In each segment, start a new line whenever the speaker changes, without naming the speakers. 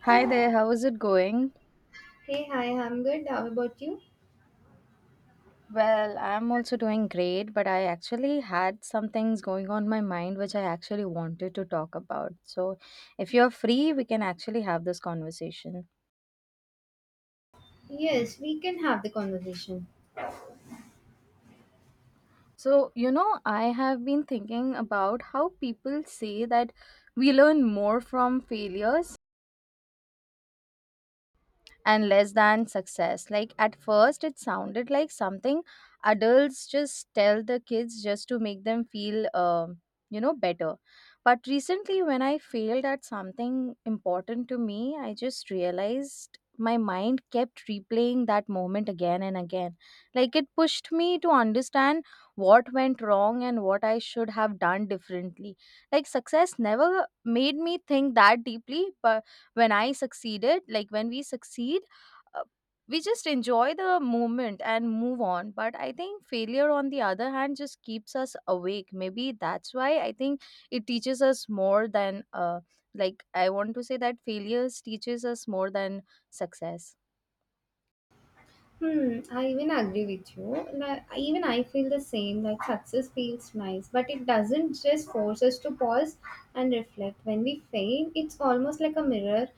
Hi there, how is it going?
Hey, hi, I'm good. How about you?
Well, I'm also doing great, but I actually had some things going on my mind which I actually wanted to talk about. So, if you're free, we can actually have this conversation.
Yes, we can have the conversation.
So I have been thinking about how people say that we learn more from failures and less than success. Like at first, it sounded like something adults just tell the kids just to make them feel better. But recently, when I failed at something important to me, I just realized my mind kept replaying that moment again and again. Like it pushed me to understand what went wrong and what I should have done differently. Like success never made me think that deeply, but when I succeeded, like when we succeed, uh, we just enjoy the moment and move on. But I think failure, on the other hand, just keeps us awake. Maybe that's why I think it teaches us more than, like I want to say that failures teaches us more than success.
Hmm, I even agree with you. Like, even I feel the same. Like, success feels nice, but it doesn't just force us to pause and reflect. When we fail, it's almost like a mirror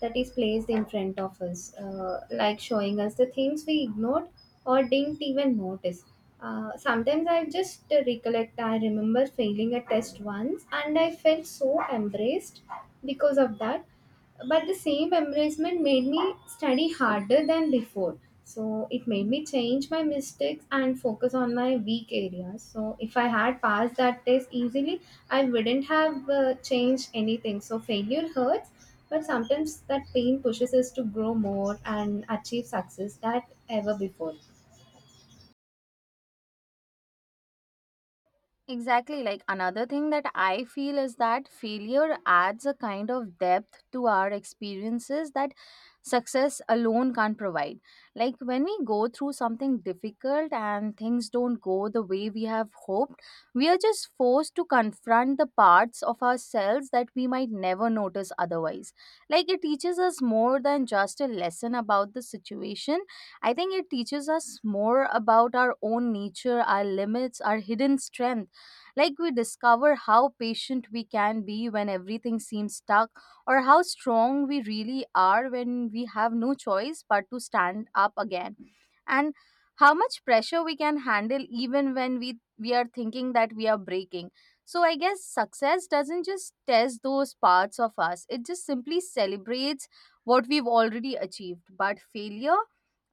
that is placed in front of us, like showing us the things we ignored or didn't even notice. Sometimes I just recollect, I remember failing a test once and I felt so embraced because of that, but the same embarrassment made me study harder than before, so it made me change my mistakes and focus on my weak areas. So if I had passed that test easily, I wouldn't have changed anything. So failure hurts, but sometimes that pain pushes us to grow more and achieve success that ever before.
Exactly. Like another thing that I feel is that failure adds a kind of depth to our experiences that success alone can't provide. Like when we go through something difficult and things don't go the way we have hoped, we are just forced to confront the parts of ourselves that we might never notice otherwise. Like it teaches us more than just a lesson about the situation. I think it teaches us more about our own nature, our limits, our hidden strength, like we discover how patient we can be when everything seems stuck, or how strong we really are when we have no choice but to stand up again. And how much pressure we can handle even when we are thinking that we are breaking. So I guess success doesn't just test those parts of us, it just simply celebrates what we've already achieved. But failure,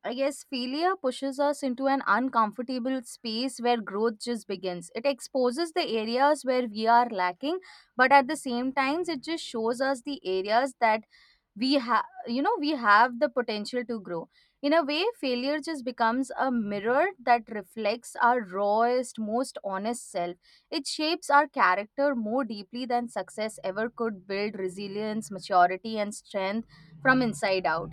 I guess failure pushes us into an uncomfortable space where growth just begins. It exposes the areas where we are lacking, but at the same times, it just shows us the areas that we have the potential to grow. In a way, failure just becomes a mirror that reflects our rawest, most honest self. It shapes our character more deeply than success ever could, build resilience, maturity, and strength from inside out.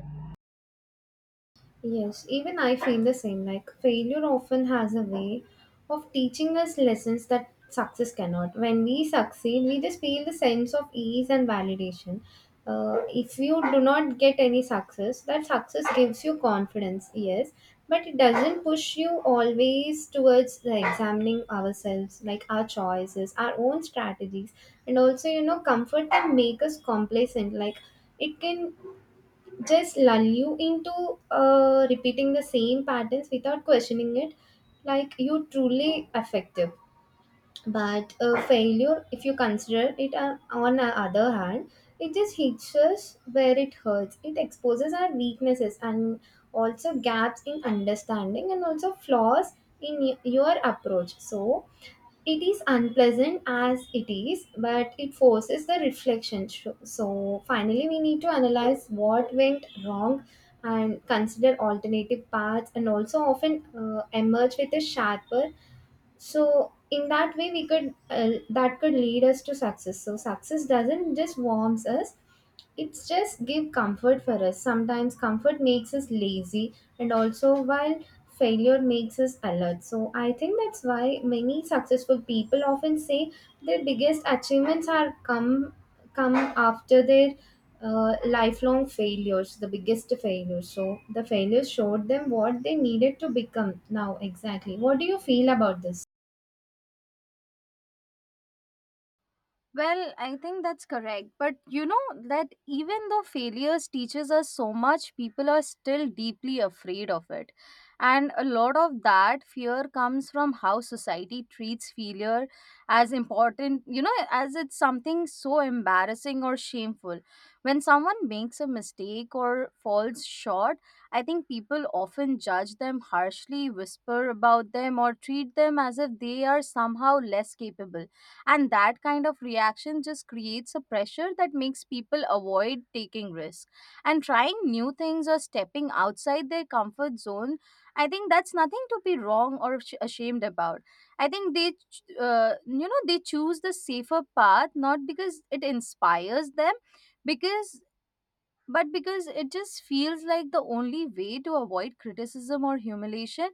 Yes, even I feel the same. Like, failure often has a way of teaching us lessons that success cannot. When we succeed, we just feel the sense of ease and validation. If you do not get any success, that success gives you confidence, yes, but it doesn't push you always towards the examining ourselves, like our choices, our own strategies, and also, you know, comfort can make us complacent. Like, it can just lull you into repeating the same patterns without questioning it, like you truly effective. But failure, if you consider it on the other hand, it just hits us where it hurts. It exposes our weaknesses and also gaps in understanding and also flaws in your approach. So it is unpleasant as it is, but it forces the reflection. So finally we need to analyze what went wrong and consider alternative paths, and also often emerge with a sharper. So in that way we could that could lead us to success. So success doesn't just warms us, it's just give comfort for us. Sometimes comfort makes us lazy, and also while failure makes us alert. So I think that's why many successful people often say their biggest achievements are come after their lifelong failures, the biggest failures. So the failures showed them what they needed to become now. Exactly, what do you feel about this?
Well, I think that's correct. But you know that even though failures teaches us so much, people are still deeply afraid of it. And a lot of that fear comes from how society treats failure as important, you know, as it's something so embarrassing or shameful. When someone makes a mistake or falls short, I think people often judge them harshly, whisper about them, or treat them as if they are somehow less capable, and that kind of reaction just creates a pressure that makes people avoid taking risks and trying new things or stepping outside their comfort zone. I think that's nothing to be wrong or ashamed about. I think they ch- you know they choose the safer path, not because it inspires them, because but because it just feels like the only way to avoid criticism or humiliation.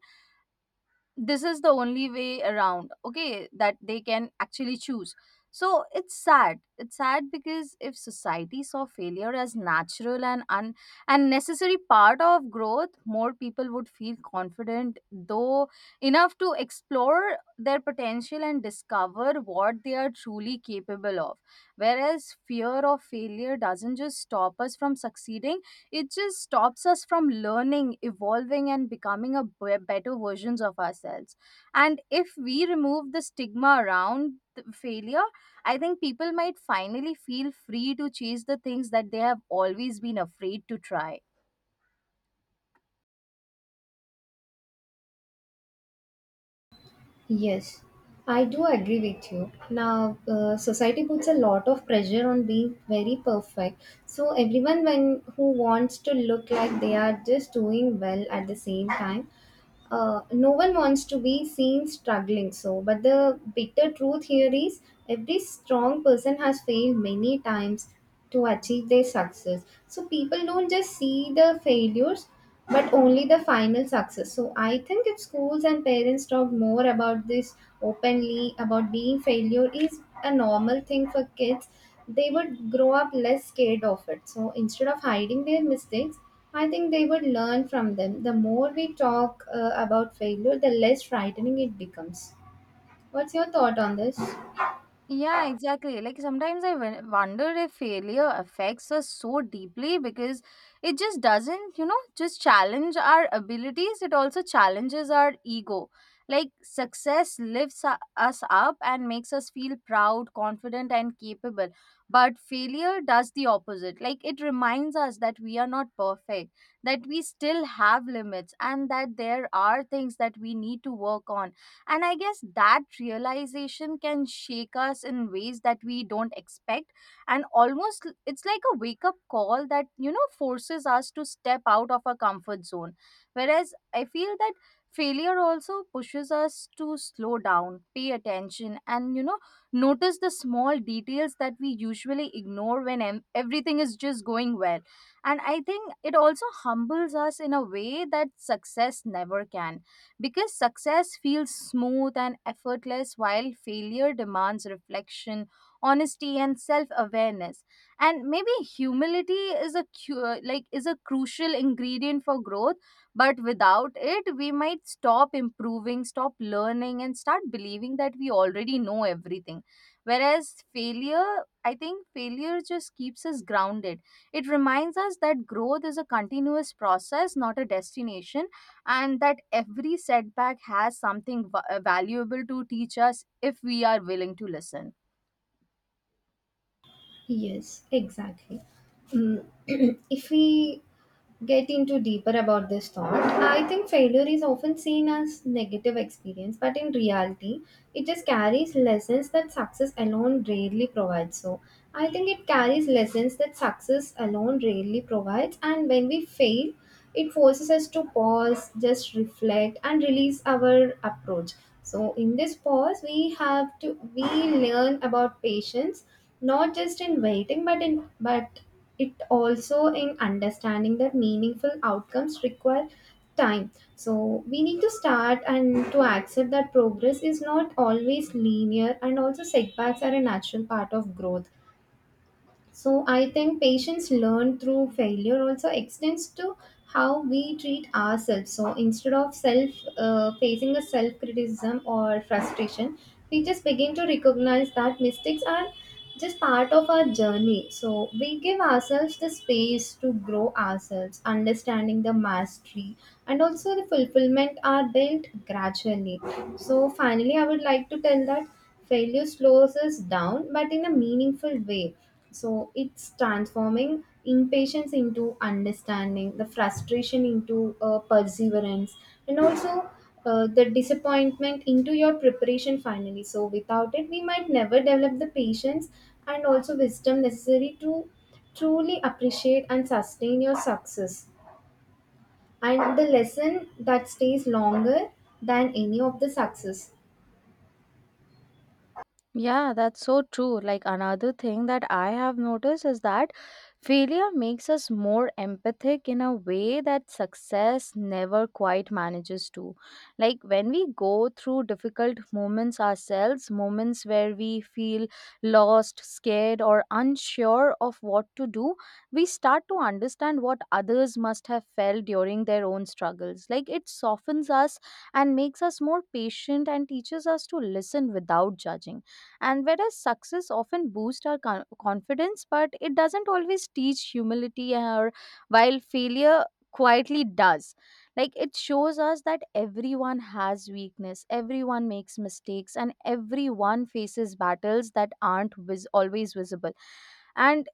This is the only way around, okay, that they can actually choose. So it's sad. It's sad because if society saw failure as natural and and necessary part of growth, more people would feel confident though enough to explore their potential and discover what they are truly capable of. Whereas fear of failure doesn't just stop us from succeeding, it just stops us from learning, evolving, and becoming a better versions of ourselves. And if we remove the stigma around failure, I think people might finally feel free to chase the things that they have always been afraid to try.
Yes, I do agree with you. Now, society puts a lot of pressure on being very perfect. So everyone when who wants to look like they are just doing well at the same time, no one wants to be seen struggling. So but the bitter truth here is, every strong person has failed many times to achieve their success. So people don't just see the failures but only the final success. So I think if schools and parents talk more about this openly, about being failure is a normal thing for kids, they would grow up less scared of it. So instead of hiding their mistakes, I think they would learn from them. The more we talk about failure, the less frightening it becomes. What's your thought on this?
Yeah, exactly. Like sometimes I wonder if failure affects us so deeply because it just doesn't just challenge our abilities, it also challenges our ego. Like success lifts us up and makes us feel proud, confident, and capable. But failure does the opposite. Like it reminds us that we are not perfect, that we still have limits, and that there are things that we need to work on, and I guess that realization can shake us in ways that we don't expect. And almost it's like a wake up call that forces us to step out of our comfort zone. Whereas I feel that failure also pushes us to slow down, pay attention, and notice the small details that we usually ignore when everything is just going well. And I think it also humbles us in a way that success never can, because success feels smooth and effortless, while failure demands reflection, honesty, and self awareness. And maybe humility is a crucial ingredient for growth. But without it, we might stop improving, stop learning, and start believing that we already know everything. Whereas failure, I think failure just keeps us grounded. It reminds us that growth is a continuous process, not a destination, and that every setback has something valuable to teach us if we are willing to listen.
Yes, exactly. Mm, if we get into deeper about this thought, I think failure is often seen as negative experience, but in reality it just carries lessons that success alone rarely provides. So I think it carries lessons that success alone rarely provides. And when we fail, it forces us to pause, just reflect, and release our approach. So in this pause, we have to we learn about patience, not just in waiting, but it also in understanding that meaningful outcomes require time. So we need to start and to accept that progress is not always linear and also setbacks are a natural part of growth. So I think patience learned through failure also extends to how we treat ourselves. So instead of self facing a self criticism or frustration, we just begin to recognize that mistakes are just part of our journey. So we give ourselves the space to grow ourselves, understanding the mastery and also the fulfillment are built gradually. So finally, I would like to tell that failure slows us down but in a meaningful way. So it's transforming impatience into understanding, the frustration into perseverance, and also the disappointment into your preparation finally. So without it we might never develop the patience and also wisdom necessary to truly appreciate and sustain your success, and the lesson that stays longer than any of the success.
Yeah, that's so true. Like another thing that I have noticed is that failure makes us more empathic in a way that success never quite manages to. Like when we go through difficult moments ourselves, moments where we feel lost, scared, or unsure of what to do, we start to understand what others must have felt during their own struggles. Like it softens us and makes us more patient and teaches us to listen without judging. And whereas success often boosts our confidence, but it doesn't always teach humility, or while failure quietly does. Like it shows us that everyone has weakness, everyone makes mistakes, and everyone faces battles that aren't always visible, and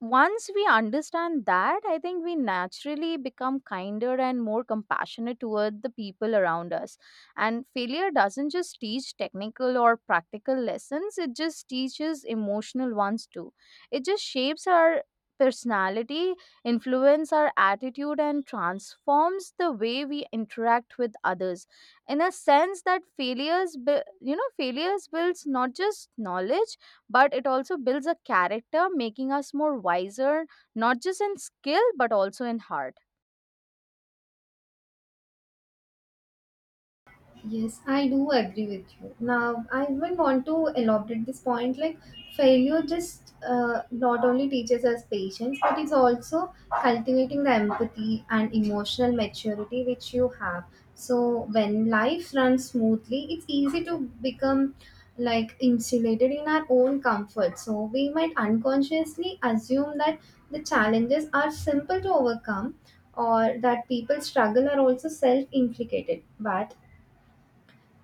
once we understand that, I think we naturally become kinder and more compassionate toward the people around us. And failure doesn't just teach technical or practical lessons, it just teaches emotional ones too. It just shapes our personality, influence our attitude, and transforms the way we interact with others, in a sense that failures builds not just knowledge but it also builds a character, making us more wiser, not just in skill, but also in heart.
Yes, I do agree with you. Now, I even want to elaborate this point, like failure just not only teaches us patience, but it's also cultivating the empathy and emotional maturity which you have. So, when life runs smoothly, it's easy to become like insulated in our own comfort. So, we might unconsciously assume that the challenges are simple to overcome, or that people struggle are also self-inflicted, but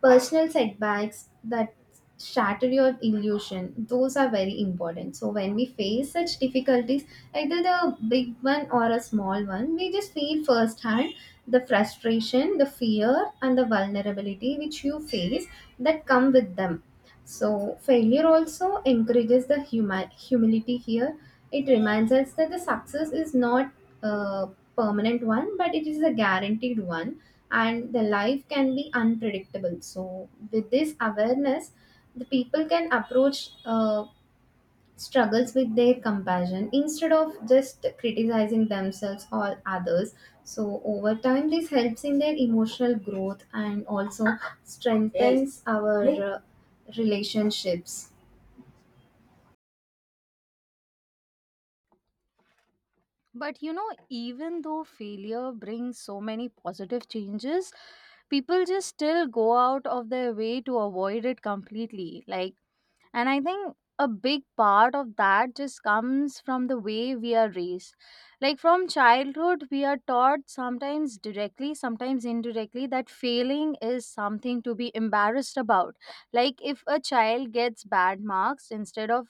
personal setbacks that shatter your illusion, those are very important. So when we face such difficulties, either the big one or a small one, we just feel firsthand the frustration, the fear, and the vulnerability which you face that come with them. So failure also encourages the humility here. It reminds us that the success is not a permanent one, but it is a guaranteed one, and the life can be unpredictable. So with this awareness, the people can approach struggles with their compassion instead of just criticizing themselves or others. So over time, this helps in their emotional growth and also, yes, strengthens our relationships.
But even though failure brings so many positive changes, people just still go out of their way to avoid it completely. Like, and I think a big part of that just comes from the way we are raised. Like from childhood, we are taught sometimes directly, sometimes indirectly, that failing is something to be embarrassed about. Like if a child gets bad marks instead of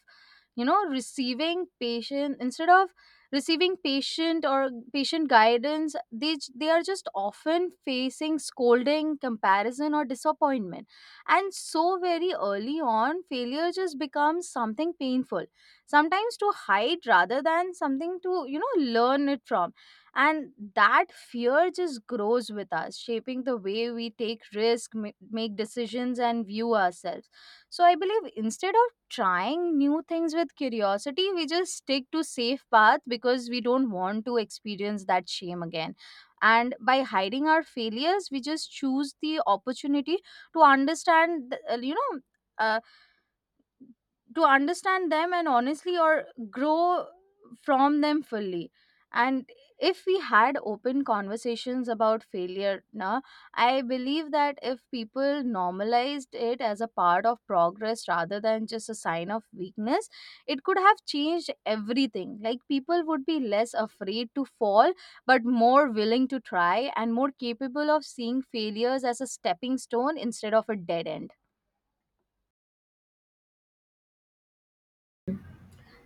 you know receiving patient instead of receiving patient or patient guidance, they are just often facing scolding comparison or disappointment, and so very early on, failure just becomes something painful, sometimes to hide rather than something to learn it from. And that fear just grows with us, shaping the way we take risk, make decisions, and view ourselves. So I believe instead of trying new things with curiosity, we just stick to safe path because we don't want to experience that shame again. And by hiding our failures, we just choose the opportunity to understand uh, you know uh, to understand them, and honestly or grow from them fully, and if we had open conversations about failure, na I believe that if people normalized it as a part of progress rather than just a sign of weakness, it could have changed everything. Like people would be less afraid to fall but more willing to try and more capable of seeing failures as a stepping stone instead of a dead end.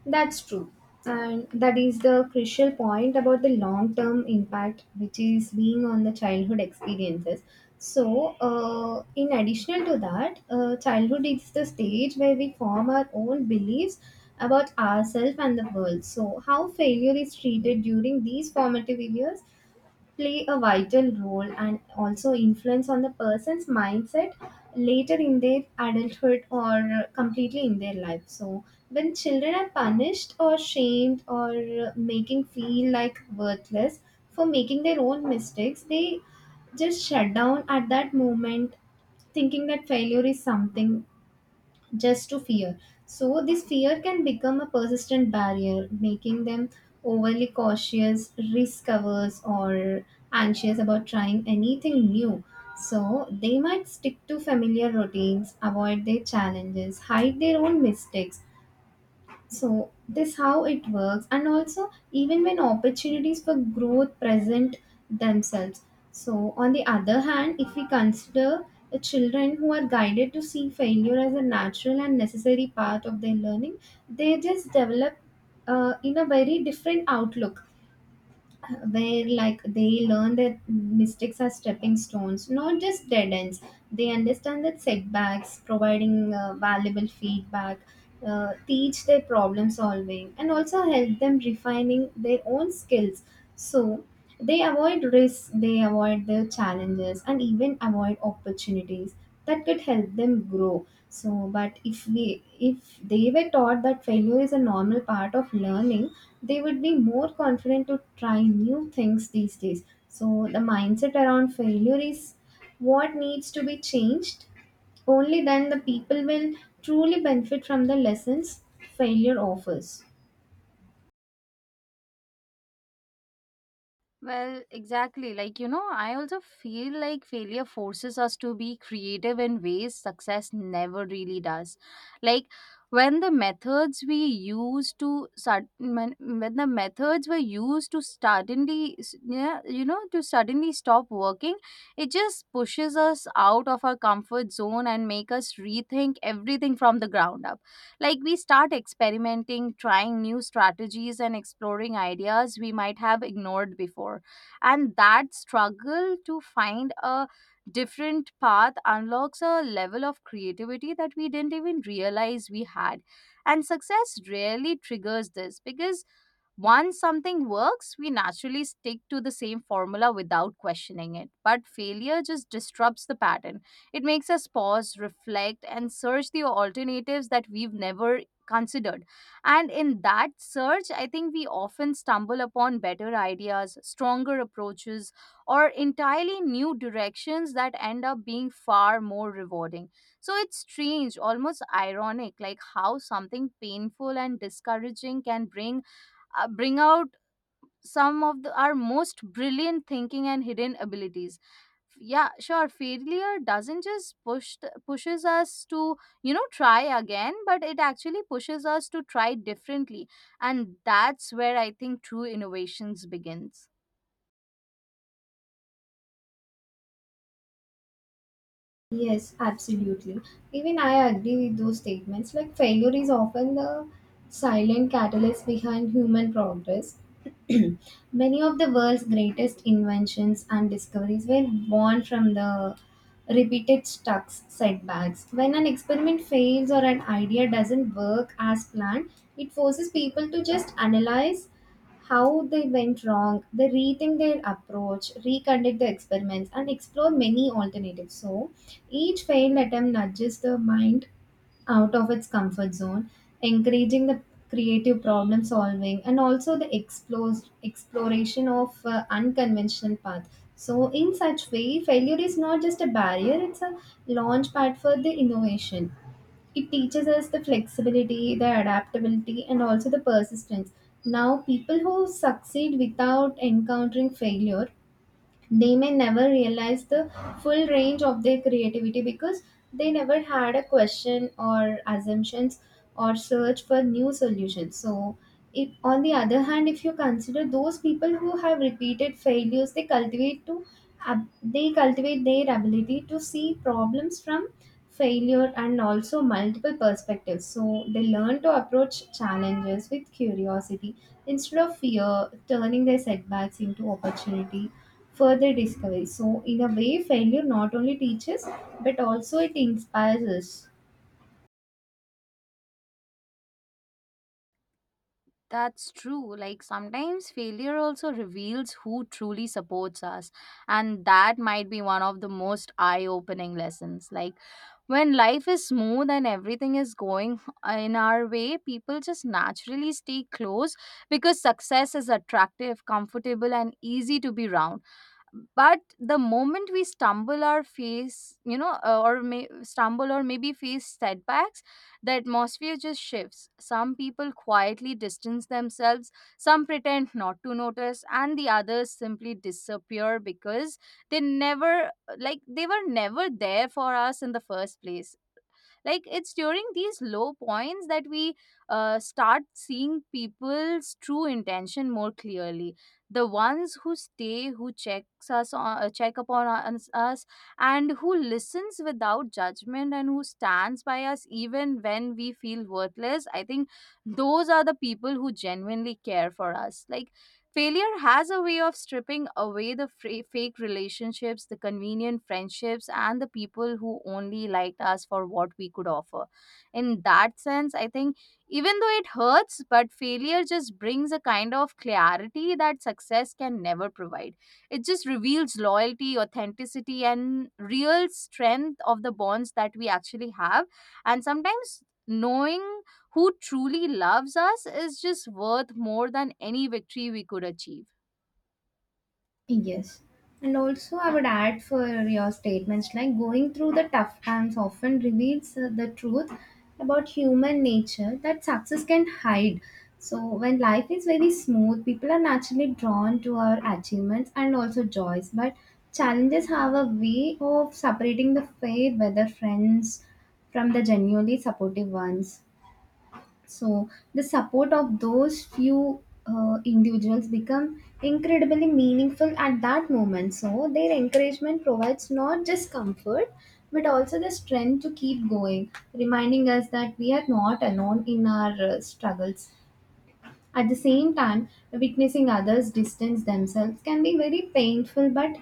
That's true. And that is the crucial point about the long term impact, which is being on the childhood experiences. So, in addition to that, childhood is the stage where we form our own beliefs about ourselves and the world. So, how failure is treated during these formative years play a vital role and also influence on the person's mindset later in their adulthood or completely in their life. So when children are punished or shamed or making feel like worthless for making their own mistakes, they just shut down at that moment, thinking that failure is something just to fear. So, this fear can become a persistent barrier, making them overly cautious, risk averse, or anxious about trying anything new. So, they might stick to familiar routines, avoid their challenges, hide their own mistakes. So this how it works, and also even when opportunities for growth present themselves. So on the other hand, if we consider the children who are guided to see failure as a natural and necessary part of their learning, they just develop in a very different outlook, where like they learn that mistakes are stepping stones, not just dead ends. They understand that setbacks providing valuable feedback, teach their problem solving and also help them refining their own skills. So they avoid risks, they avoid the challenges, and even avoid opportunities that could help them grow. So, but if they were taught that failure is a normal part of learning, they would be more confident to try new things these days. So, the mindset around failure is what needs to be changed. Only then the people will truly benefit from the lessons failure offers.
Well, exactly. Like I also feel like failure forces us to be creative in ways success never really does. Like, when the methods were used to suddenly s- yeah, you know to suddenly stop working, it just pushes us out of our comfort zone and make us rethink everything from the ground up. Like we start experimenting, trying new strategies, and exploring ideas we might have ignored before. And that struggle to find a different path unlocks a level of creativity that we didn't even realize we had. And success rarely triggers this because once something works, we naturally stick to the same formula without questioning it. But failure just disrupts the pattern. It makes us pause, reflect, and search the alternatives that we've never considered. And in that search, I think we often stumble upon better ideas, stronger approaches, or entirely new directions that end up being far more rewarding. So it's strange, almost ironic, like how something painful and discouraging can bring out some of our most brilliant thinking and hidden abilities. Yeah, sure, failure doesn't just pushes us to try again, but it actually pushes us to try differently, and that's where I think true innovations begins.
Yes, absolutely. Even I agree with those statements. Like, failure is often the silent catalyst behind human progress. Many of the world's greatest inventions and discoveries were born from the repeated stucks setbacks. When an experiment fails or an idea doesn't work as planned, it forces people to just analyze how they went wrong. They rethink their approach, reconduct the experiments, and explore many alternatives. So, each failed attempt nudges the mind out of its comfort zone, encouraging the creative problem solving and also the exploration of unconventional path. So, in such way, failure is not just a barrier, it's a launch pad for the innovation. It teaches us the flexibility, the adaptability, and also the persistence. Now, people who succeed without encountering failure, they may never realize the full range of their creativity because they never had a question or assumptions or search for new solutions. So if on the other hand, if you consider those people who have repeated failures, they they cultivate their ability to see problems from failure and also multiple perspectives. So they learn to approach challenges with curiosity instead of fear, turning their setbacks into opportunity further discovery. So, in a way, failure not only teaches, but also it inspires us.
That's true. Like, sometimes failure also reveals who truly supports us, and that might be one of the most eye opening lessons. Like, when life is smooth and everything is going in our way, people just naturally stay close because success is attractive, comfortable, and easy to be around. But the moment we stumble or face you know or may stumble or maybe face setbacks, the atmosphere just shifts. Some people quietly distance themselves, some pretend not to notice, and the others simply disappear because they never they were never there for us in the first place. Like, it's during these low points that we start seeing people's true intention more clearly. The ones who stay, who check upon us, and who listens without judgment, and who stands by us even when we feel worthless, I think those are the people who genuinely care for us. Like, failure has a way of stripping away the fake relationships, the convenient friendships, and the people who only liked us for what we could offer. In that sense, I think even though it hurts, but failure just brings a kind of clarity that success can never provide. It just reveals loyalty, authenticity, and real strength of the bonds that we actually have. And sometimes knowing who truly loves us is just worth more than any victory we could achieve.
Yes. And also, I would add for your statements, like going through the tough times often reveals the truth about human nature that success can hide. So, when life is very smooth, people are naturally drawn to our achievements and also joys. But challenges have a way of separating the faith, whether friends, from the genuinely supportive ones. So the support of those few individuals become incredibly meaningful at that moment. So their encouragement provides not just comfort but also the strength to keep going, reminding us that we are not alone in our struggles. At the same time, witnessing others distance themselves can be very painful, but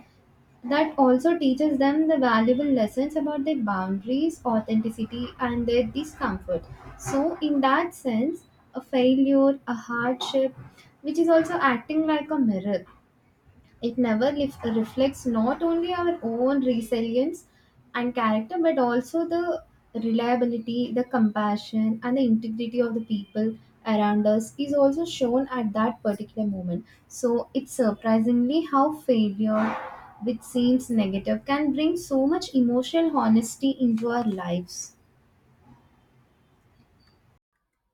that also teaches them the valuable lessons about their boundaries, authenticity, and their discomfort. So, in that sense, a failure, a hardship, which is also acting like a mirror, it never lif- reflects not only our own resilience and character, but also the reliability, the compassion, and the integrity of the people around us is also shown at that particular moment. So it's surprisingly how failure, which seems negative, can bring so much emotional honesty into our lives.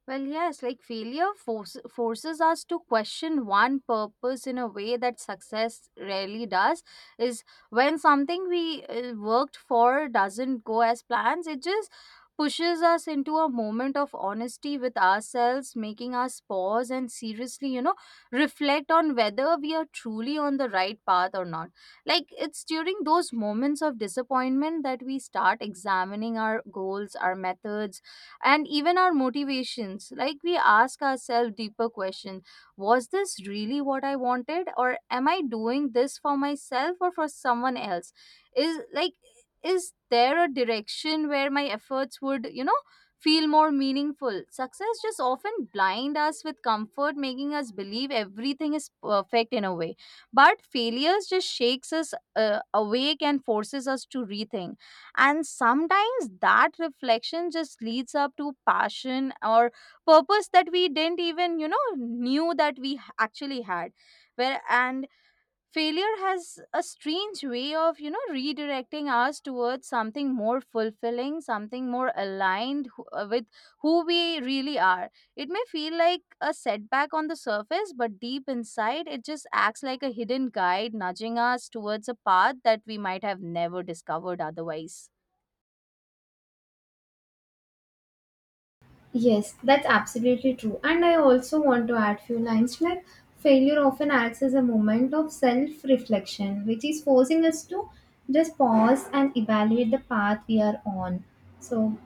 Well, yes, like forces us to question one purpose in a way that success rarely does. Is when something we worked for doesn't go as plans, it just pushes us into a moment of honesty with ourselves, making us pause and seriously, reflect on whether we are truly on the right path or not. Like, it's during those moments of disappointment that we start examining our goals, our methods, and even our motivations. Like, we ask ourselves deeper question. Was this really what I wanted, or am I doing this for myself or for someone else? Is like, is there a direction where my efforts would, feel more meaningful? Success just often blind us with comfort, making us believe everything is perfect in a way, but failures just shakes us awake and forces us to rethink. And sometimes that reflection just leads up to passion or purpose that we didn't even, knew that we h- actually had. Where and failure has a strange way of, redirecting us towards something more fulfilling, something more with who we really are. It may feel like a setback on the surface, but deep inside, it just acts like a hidden guide nudging us towards a path that we might have never discovered otherwise.
Yes, that's absolutely true. And I also want to add few lines like failure often acts as a moment of self-reflection, which is forcing us to just pause and evaluate the path we are on. So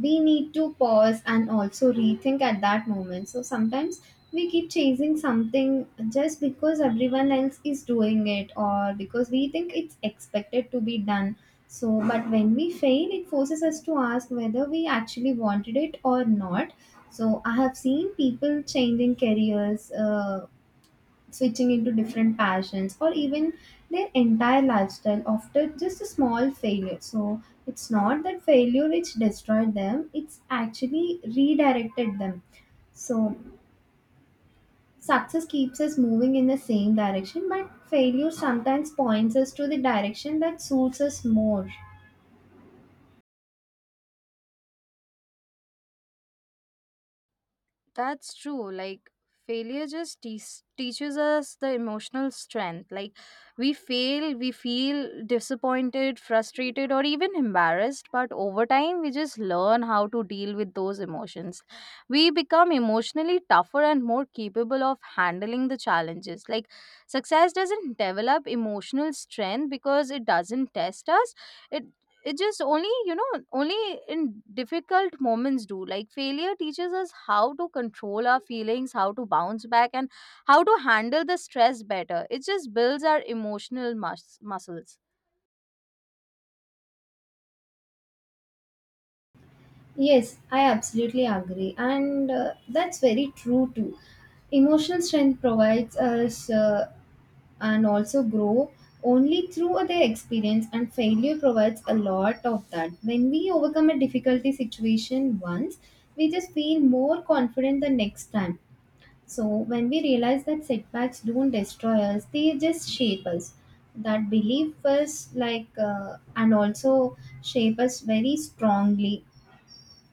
we need to pause and also rethink at that moment. So sometimes we keep chasing something just because everyone else is doing it or because we think it's expected to be done. So, but when we fail, it forces us to ask whether we actually wanted it or not. So, I have seen people changing careers, switching into different passions or even their entire lifestyle after just a small failure. So it's not that failure which destroyed them, it's actually redirected them. So success keeps us moving in the same direction, but failure sometimes points us to the direction that suits us more.
That's true. Like, failure just teaches us the emotional strength. Like, we fail, we feel disappointed, frustrated, or even embarrassed, but over time we just learn how to deal with those emotions. We become emotionally tougher and more capable of handling the challenges. Like, success doesn't develop emotional strength because it doesn't test us. It it just only only in difficult moments do, like, failure teaches us how to control our feelings, how to bounce back, and how to handle the stress better. It just builds our emotional muscles.
Yes, I absolutely agree. And that's very true too. Emotional strength provides us and also grow only through their experience, and failure provides a lot of that. When we overcome a difficulty situation once, we just feel more confident the next time. So, when we realize that setbacks don't destroy us, they just shape us. That belief us like, and also shape us very strongly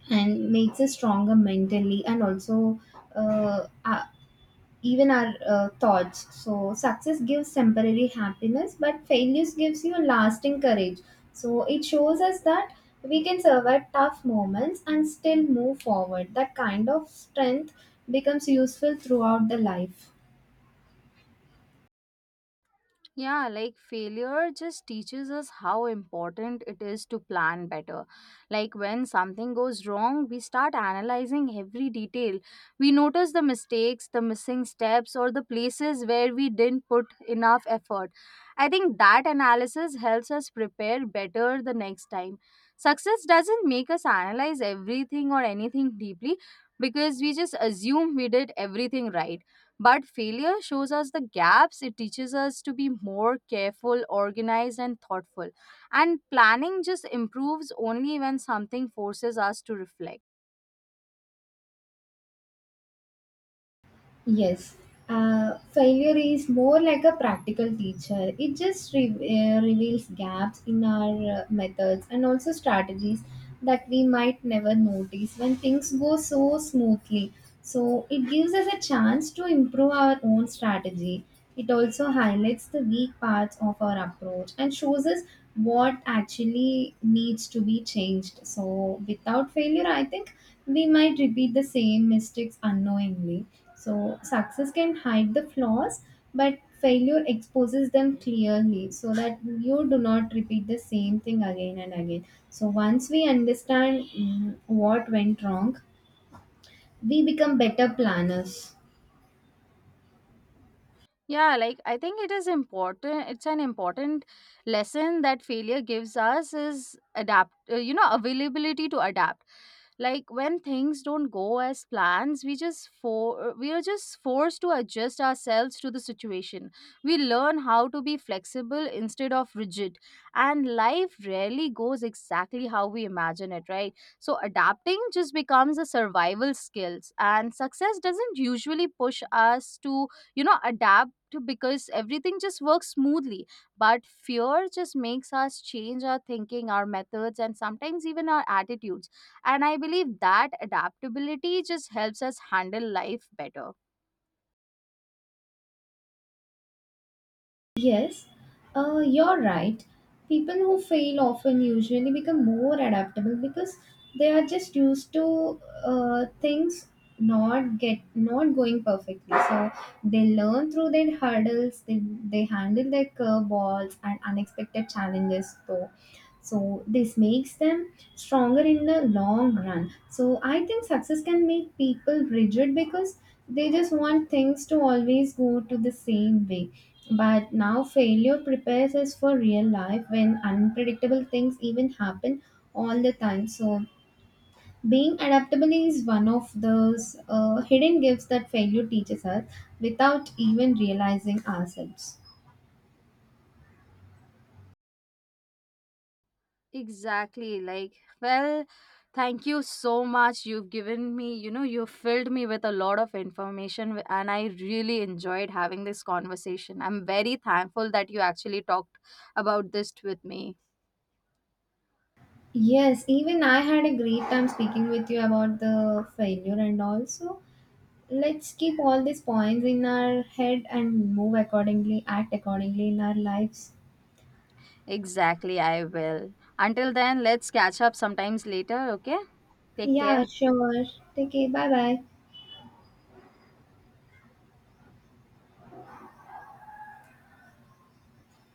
and makes us stronger mentally and also uh, uh, even our thoughts. So success gives temporary happiness, but failures gives you lasting courage. So it shows us that we can survive tough moments and still move forward. That kind of strength becomes useful throughout the life.
Yeah, like, failure just teaches us how important it is to plan better. Like, when something goes wrong, we start analyzing every detail. We notice the mistakes, the missing steps, or the places where we didn't put enough effort. I think that analysis helps us prepare better the next time. Success doesn't make us analyze everything or anything deeply because we just assume we did everything right, but failure shows us the gaps. It teaches us to be more careful, organized, and thoughtful. And planning just improves only when something forces us to reflect.
Yes, failure is more like a practical teacher. It just reveals gaps in our methods and also strategies that we might never notice when things go so smoothly. So, it gives us a chance to improve our own strategy. It also highlights the weak parts of our approach and shows us what actually needs to be changed. So, without failure, I think we might repeat the same mistakes unknowingly. So success can hide the flaws, but failure exposes them clearly so that you do not repeat the same thing again and again. So once we understand what went wrong, we become better planners.
Yeah, like, I think it is important. It's an important lesson that failure gives us is availability to adapt. Like, when things don't go as plans, we just for we are just forced to adjust ourselves to the situation. We learn how to be flexible instead of rigid, and life rarely goes exactly how we imagine it, right? So adapting just becomes a survival skills, and success doesn't usually push us to adapt because everything just works smoothly, but fear just makes us change our thinking, our methods, and sometimes even our attitudes. And I believe that adaptability just helps us handle life better.
Yes, you're right. People who fail often usually become more adaptable because they are just used to things not going perfectly. So they learn through their hurdles. They handle their curveballs and unexpected challenges. Though so this makes them stronger in the long run. So I think success can make people rigid because they just want things to always go to the same way. But now failure prepares us for real life when unpredictable things even happen all the time. So being adaptable is one of those hidden gifts that failure teaches us without even realizing ourselves.
Exactly. Like, well, thank you so much. You've given me, you filled me with a lot of information, and I really enjoyed having this conversation. I'm very thankful that you actually talked about this with me.
Yes, even I had a great time speaking with you about the failure, and also let's keep all these points in our head and move accordingly, act accordingly in our lives.
Exactly, I will. Until then, let's catch up sometimes later, okay? Take care.
Yeah, sure. Take care. Bye bye.